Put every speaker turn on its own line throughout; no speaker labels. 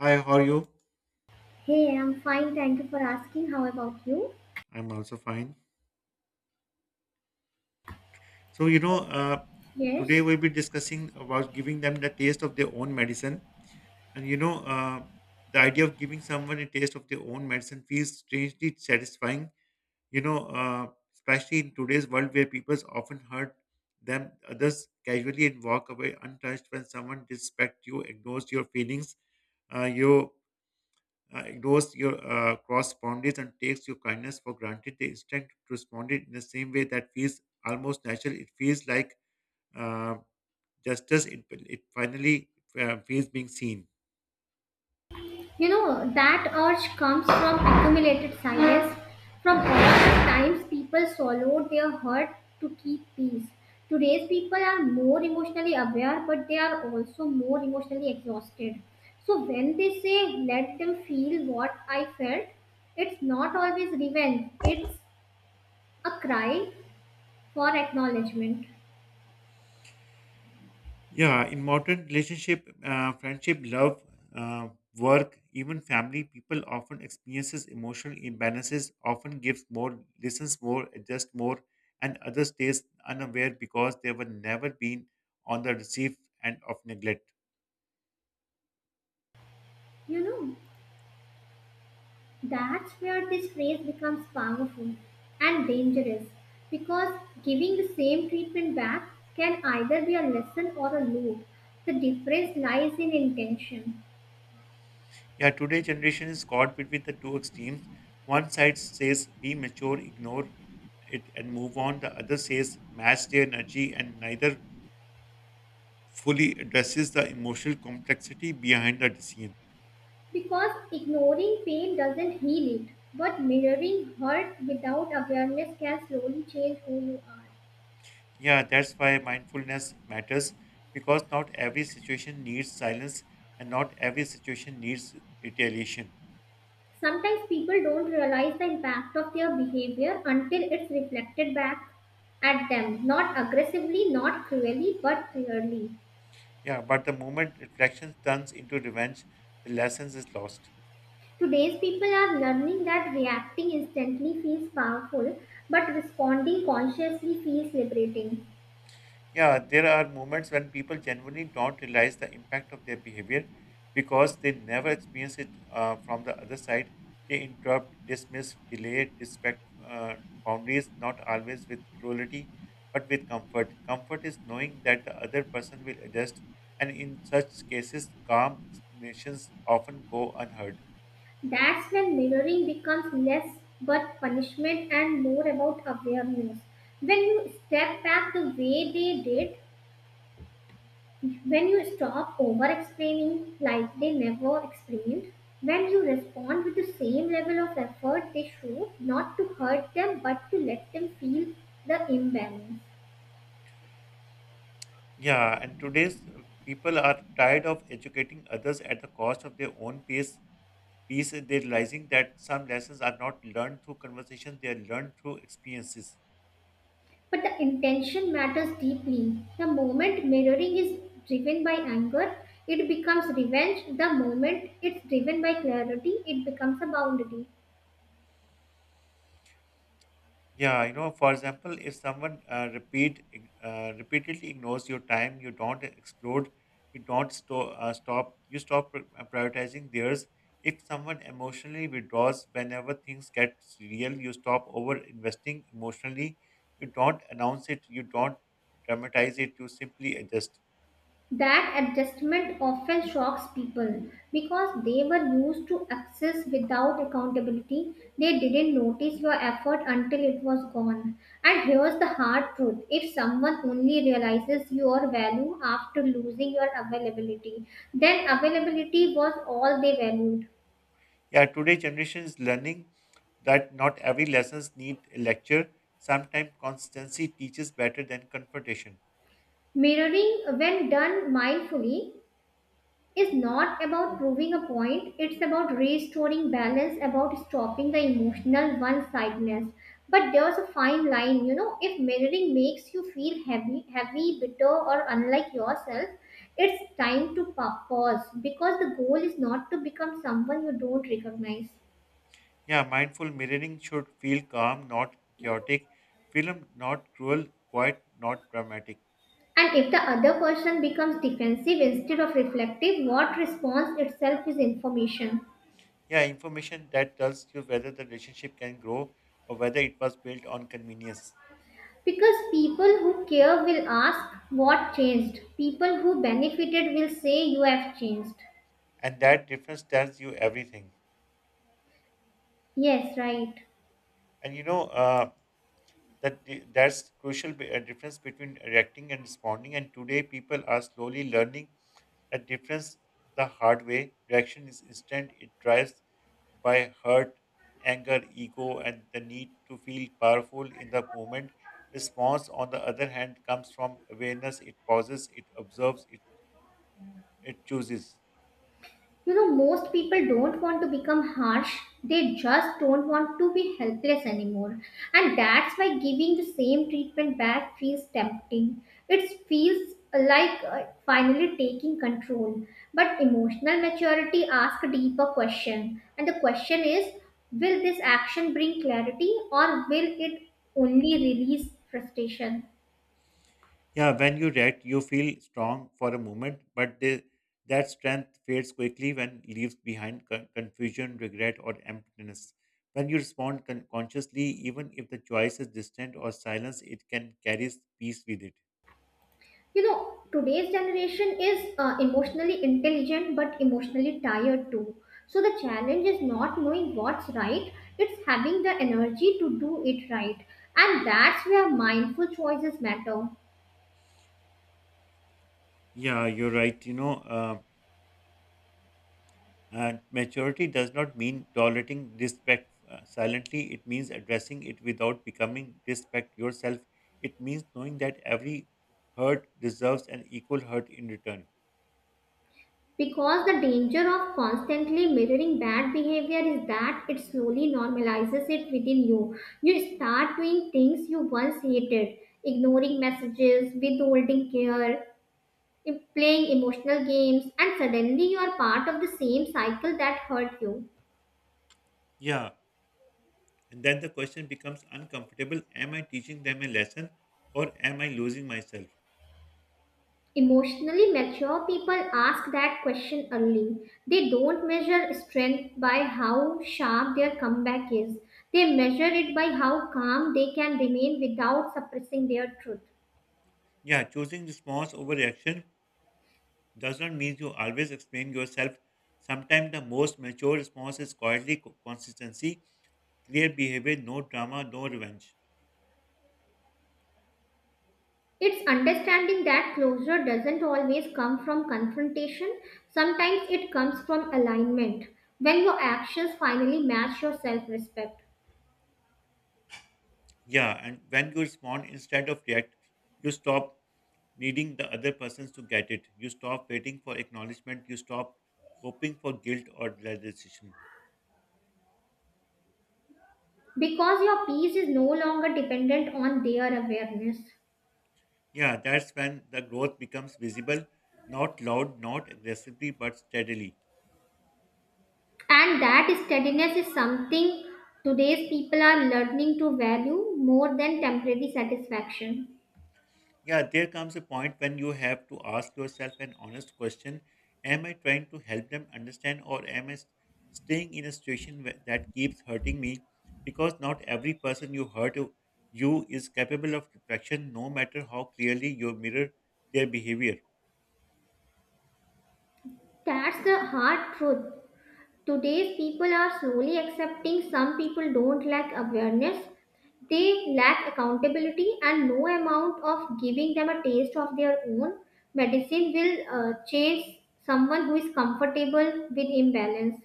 Hi, how are you?
Hey, I'm fine. Thank you for asking. How about you?
I'm also fine. So,
Yes.
today we'll be discussing about giving them the taste of their own medicine. And the idea of giving someone a taste of their own medicine feels strangely satisfying, you know, uh, especially in today's world where people often hurt others casually and walk away untouched when someone disrespects you, ignores your feelings. You ignores your cross boundaries and takes your kindness for granted. The instinct to respond it in the same way that feels almost natural. It feels like uh, justice. It finally feels being seen.
You know, that urge comes from accumulated silence, from all the times people swallowed their hurt to keep peace. Today's people are more emotionally aware, but they are also more emotionally exhausted. So when they say, let them feel what I felt, it's not always revenge, it's a cry for acknowledgement.
Yeah, in modern relationship, friendship, love, uh, work, even family, people often experiences emotional imbalances. Often gives more, listens more, adjusts more, and others stays unaware because they were never been on the receive end of neglect.
You know? That's where this phrase becomes powerful and dangerous because giving the same treatment back can either be a lesson or a loop. The difference lies in intention
Yeah, today generation is caught between the two extremes. One side says be mature, ignore it and move on. The other says match their energy and neither fully addresses the emotional complexity behind the decision.
because ignoring pain doesn't heal it, but mirroring hurt without awareness can slowly change who you are.
Yeah, that's why mindfulness matters because not every situation needs silence and not every situation needs retaliation.
Sometimes people don't realize the impact of their behavior until it's reflected back at them, not aggressively, not cruelly, but clearly.
Yeah, but the moment reflection turns into revenge, the lessons is lost.
Today's people are learning that reacting instantly feels powerful, but responding consciously feels liberating.
Yeah, there are moments when people genuinely don't realize the impact of their behavior because they never experience it from the other side. They interrupt, dismiss, delay, disrespect boundaries, not always with cruelty, but with comfort. Comfort is knowing that the other person will adjust, and in such cases, calm explanations often go unheard.
That's when mirroring becomes less but punishment and more about awareness. When you step back the way they did, when you stop over explaining like they never explained, when you respond with the same level of effort they show, not to hurt them but to let them feel the imbalance.
Yeah, and today's people are tired of educating others at the cost of their own peace piece, they're realizing that some lessons are not learned through conversation, they are learned through experiences.
But the intention matters deeply. The moment mirroring is driven by anger, it becomes revenge. The moment it's driven by clarity, it becomes a boundary.
Yeah, you know, for example, if someone repeatedly ignores your time, you don't explode, you don't stop, you stop prioritizing theirs. If someone emotionally withdraws whenever things get real, you stop over investing emotionally. You don't announce it, you don't dramatize it, you simply adjust.
That adjustment often shocks people because they were used to access without accountability. They didn't notice your effort until it was gone. And here's the hard truth, if someone only realizes your value after losing your availability, then availability was all they valued.
Yeah, today generation is learning that not every lessons need a lecture. Sometimes constancy teaches better than confrontation.
Mirroring, when done mindfully, is not about proving a point, it's about restoring balance, about stopping the emotional one sidedness. But there's a fine line, you know, if mirroring makes you feel heavy, bitter, or unlike yourself, it's time to pause because the goal is not to become someone you don't recognize.
Yeah, mindful mirroring should feel calm, not chaotic. Film not cruel, quiet, not dramatic.
And if the other person becomes defensive instead of reflective, what response itself is information.
Yeah, information that tells you whether the relationship can grow or whether it was built on convenience.
Because people who care will ask what changed. People who benefited will say you have changed.
And that difference tells you everything.
Yes, right.
And that that's crucial difference between reacting and responding, and today people are slowly learning that difference the hard way. Reaction is instant. It drives by hurt, anger, ego and the need to feel powerful in the moment. Response on the other hand comes from awareness. It pauses, it observes it, it chooses.
You know, most people don't want to become harsh, they just don't want to be helpless anymore. And that's why giving the same treatment back feels tempting. It feels like finally taking control. But emotional maturity asks a deeper question. And the question is, will this action bring clarity or will it only release frustration?
Yeah, when you react, you feel strong for a moment, but that strength fades quickly when leaves behind confusion, regret, or emptiness. When you respond consciously, even if the choice is distant or silence, it can carry peace with it.
You know, today's generation is emotionally intelligent but emotionally tired too. So the challenge is not knowing what's right, it's having the energy to do it right. And that's where mindful choices matter.
Yeah, you're right. Maturity does not mean tolerating disrespect silently. It means addressing it without becoming disrespect yourself. It means knowing that every hurt deserves an equal hurt in return.
Because the danger of constantly mirroring bad behavior is that it slowly normalizes it within you. You start doing things you once hated, ignoring messages, withholding care, playing emotional games, and suddenly you are part of the same cycle that hurt you.
Yeah. And then the question becomes uncomfortable. Am I teaching them a lesson or am I losing myself?
Emotionally mature people ask that question early. They don't measure strength by how sharp their comeback is, they measure it by how calm they can remain without suppressing their truth.
Yeah. Choosing response over reaction does not mean you always explain yourself. Sometimes the most mature response is quietly consistency, clear behavior, no drama, no revenge.
It's understanding that closure doesn't always come from confrontation, sometimes it comes from alignment when your actions finally match your self respect.
Yeah, and when you respond instead of react, you stop needing the other persons to get it. You stop waiting for acknowledgement. You stop hoping for guilt or realization.
Because your peace is no longer dependent on their awareness,
Yeah, that's when the growth becomes visible, not loud, not aggressively, but steadily.
and that steadiness is something today's people are learning to value more than temporary satisfaction.
Yeah, there comes a point when you have to ask yourself an honest question. Am I trying to help them understand, or am staying in a situation that keeps hurting me? Because not every person you hurt you is capable of reflection, no matter how clearly you mirror their behavior.
That's the hard truth, today's people are slowly accepting some people don't lack awareness, they lack accountability, and no amount of giving them a taste of their own medicine will change someone who is comfortable with imbalance.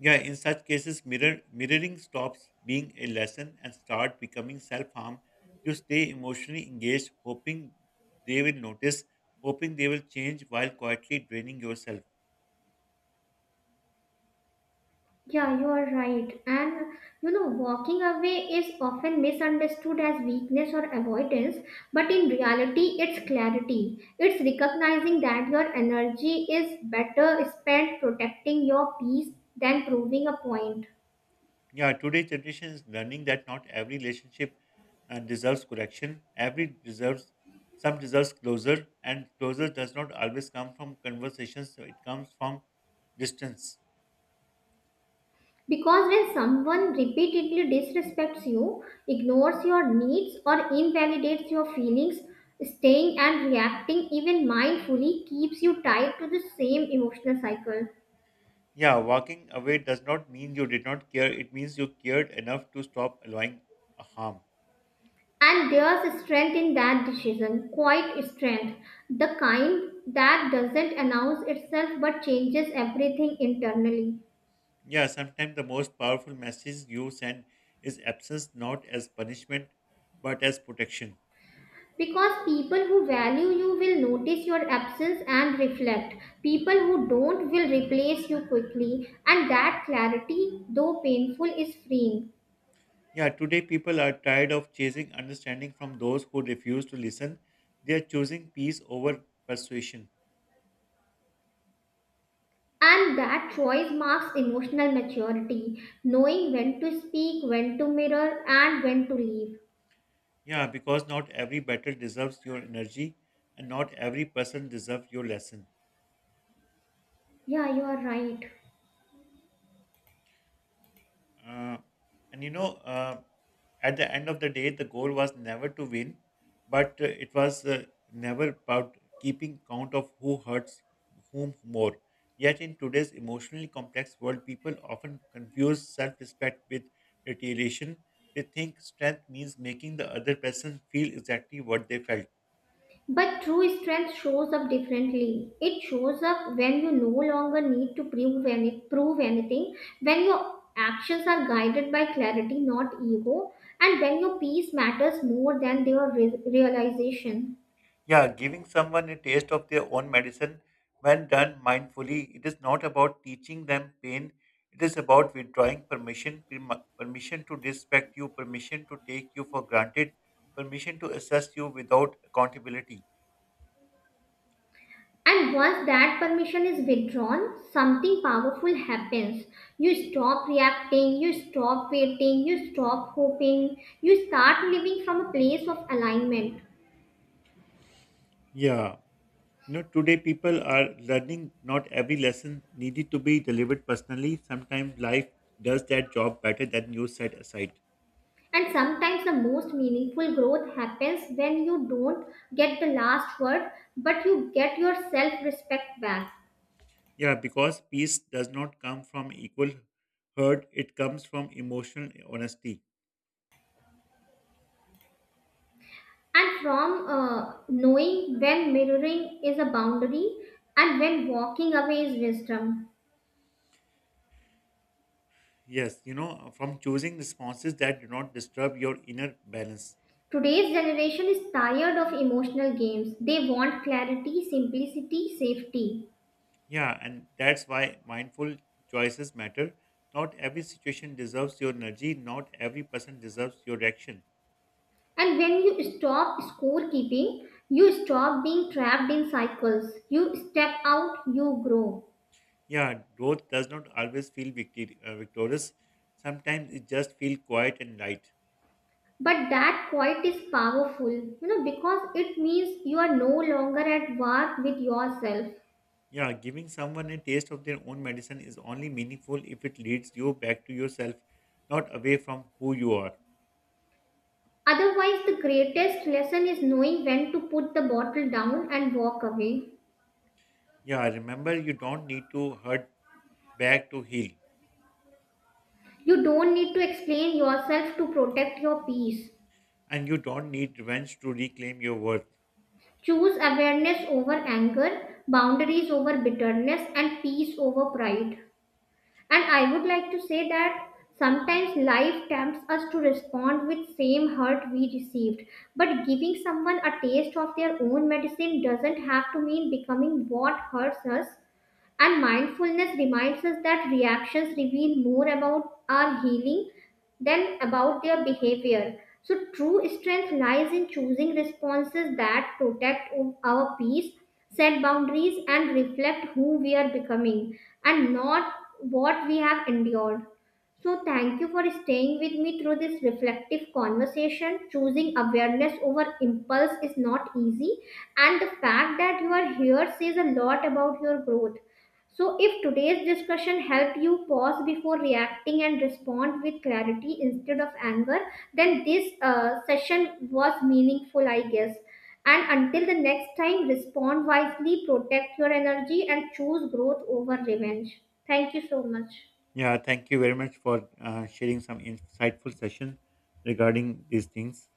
Yeah, in such cases, mirroring stops being a lesson and start becoming self-harm. You stay emotionally engaged, hoping they will notice, hoping they will change while quietly draining yourself.
Yeah, you are right. And you know, walking away is often misunderstood as weakness or avoidance, but in reality, it's clarity. It's recognizing that your energy is better spent protecting your peace than proving a point.
Yeah, today generation is learning that not every relationship deserves correction. Every deserves Some deserves closure, and closure does not always come from conversations. So it comes from distance.
Because when someone repeatedly disrespects you, ignores your needs, or invalidates your feelings, staying and reacting even mindfully keeps you tied to the same emotional cycle.
Yeah, walking away does not mean you did not care. It means you cared enough to stop allowing a harm.
And there's strength in that decision, quite strength, the kind that doesn't announce itself but changes everything internally.
Yeah, sometimes the most powerful message you send is absence, not as punishment, but as protection.
Because people who value you will notice your absence and reflect. People who don't will replace you quickly. And that clarity, though painful, is freeing.
Yeah, today people are tired of chasing understanding from those who refuse to listen. They are choosing peace over persuasion.
And that choice marks emotional maturity, knowing when to speak, when to mirror, and when to leave.
Yeah, because not every battle deserves your energy and not every person deserves your lesson.
Yeah, you are right.
Uh, and at the end of the day, the goal was never to win, but it was never about keeping count of who hurts whom more. Yet, in today's emotionally complex world, people often confuse self respect with retaliation. They think strength means making the other person feel exactly what they felt.
But true strength shows up differently. It shows up when you no longer need to prove, prove anything, when your actions are guided by clarity, not ego, and when your peace matters more than your realization.
Yeah, giving someone a taste of their own medicine when done mindfully, it is not about teaching them pain. It is about withdrawing permission, permission to disrespect you, permission to take you for granted, permission to assess you without accountability.
And once that permission is withdrawn, something powerful happens. You stop reacting, you stop waiting, you stop hoping, you start living from a place of alignment.
Yeah. You know, today people are learning not every lesson needed to be delivered personally. Sometimes life does that job better than you set aside.
And sometimes the most meaningful growth happens when you don't get the last word, but you get your self respect back.
Yeah, because peace does not come from equal hurt, it comes from emotional honesty.
And from knowing when mirroring is a boundary and when walking away is wisdom.
Yes, you know, from choosing responses that do not disturb your inner balance.
Today's generation is tired of emotional games. They want clarity, simplicity, safety.
Yeah, and that's why mindful choices matter. Not every situation deserves your energy, not every person deserves your reaction.
And when you stop scorekeeping, you stop being trapped in cycles. You step out, you grow.
Yeah, growth does not always feel victorious. Sometimes it just feels quiet and light.
But that quiet is powerful, you know, because it means you are no longer at war with yourself.
Yeah, giving someone a taste of their own medicine is only meaningful if it leads you back to yourself, not away from who you are.
Otherwise, the greatest lesson is knowing when to put the bottle down and walk away.
Yeah, remember you don't need to hurt back to heal,
You don't need to explain yourself to protect your peace.
and you don't need revenge to reclaim your worth.
Choose awareness over anger, boundaries over bitterness, and peace over pride. And I would like to say that sometimes life tempts us to respond with same hurt we received. But giving someone a taste of their own medicine doesn't have to mean becoming what hurts us. And mindfulness reminds us that reactions reveal more about our healing than about their behavior. So, true strength lies in choosing responses that protect our peace, set boundaries, and reflect who we are becoming and not what we have endured. So, thank you for staying with me through this reflective conversation. Choosing awareness over impulse is not easy, and the fact that you are here says a lot about your growth. So, if today's discussion helped you pause before reacting and respond with clarity instead of anger, then this session was meaningful, I guess. And until the next time, respond wisely, protect your energy, and choose growth over revenge. Thank you so much.
Yeah, thank you very much for sharing some insightful session regarding these things.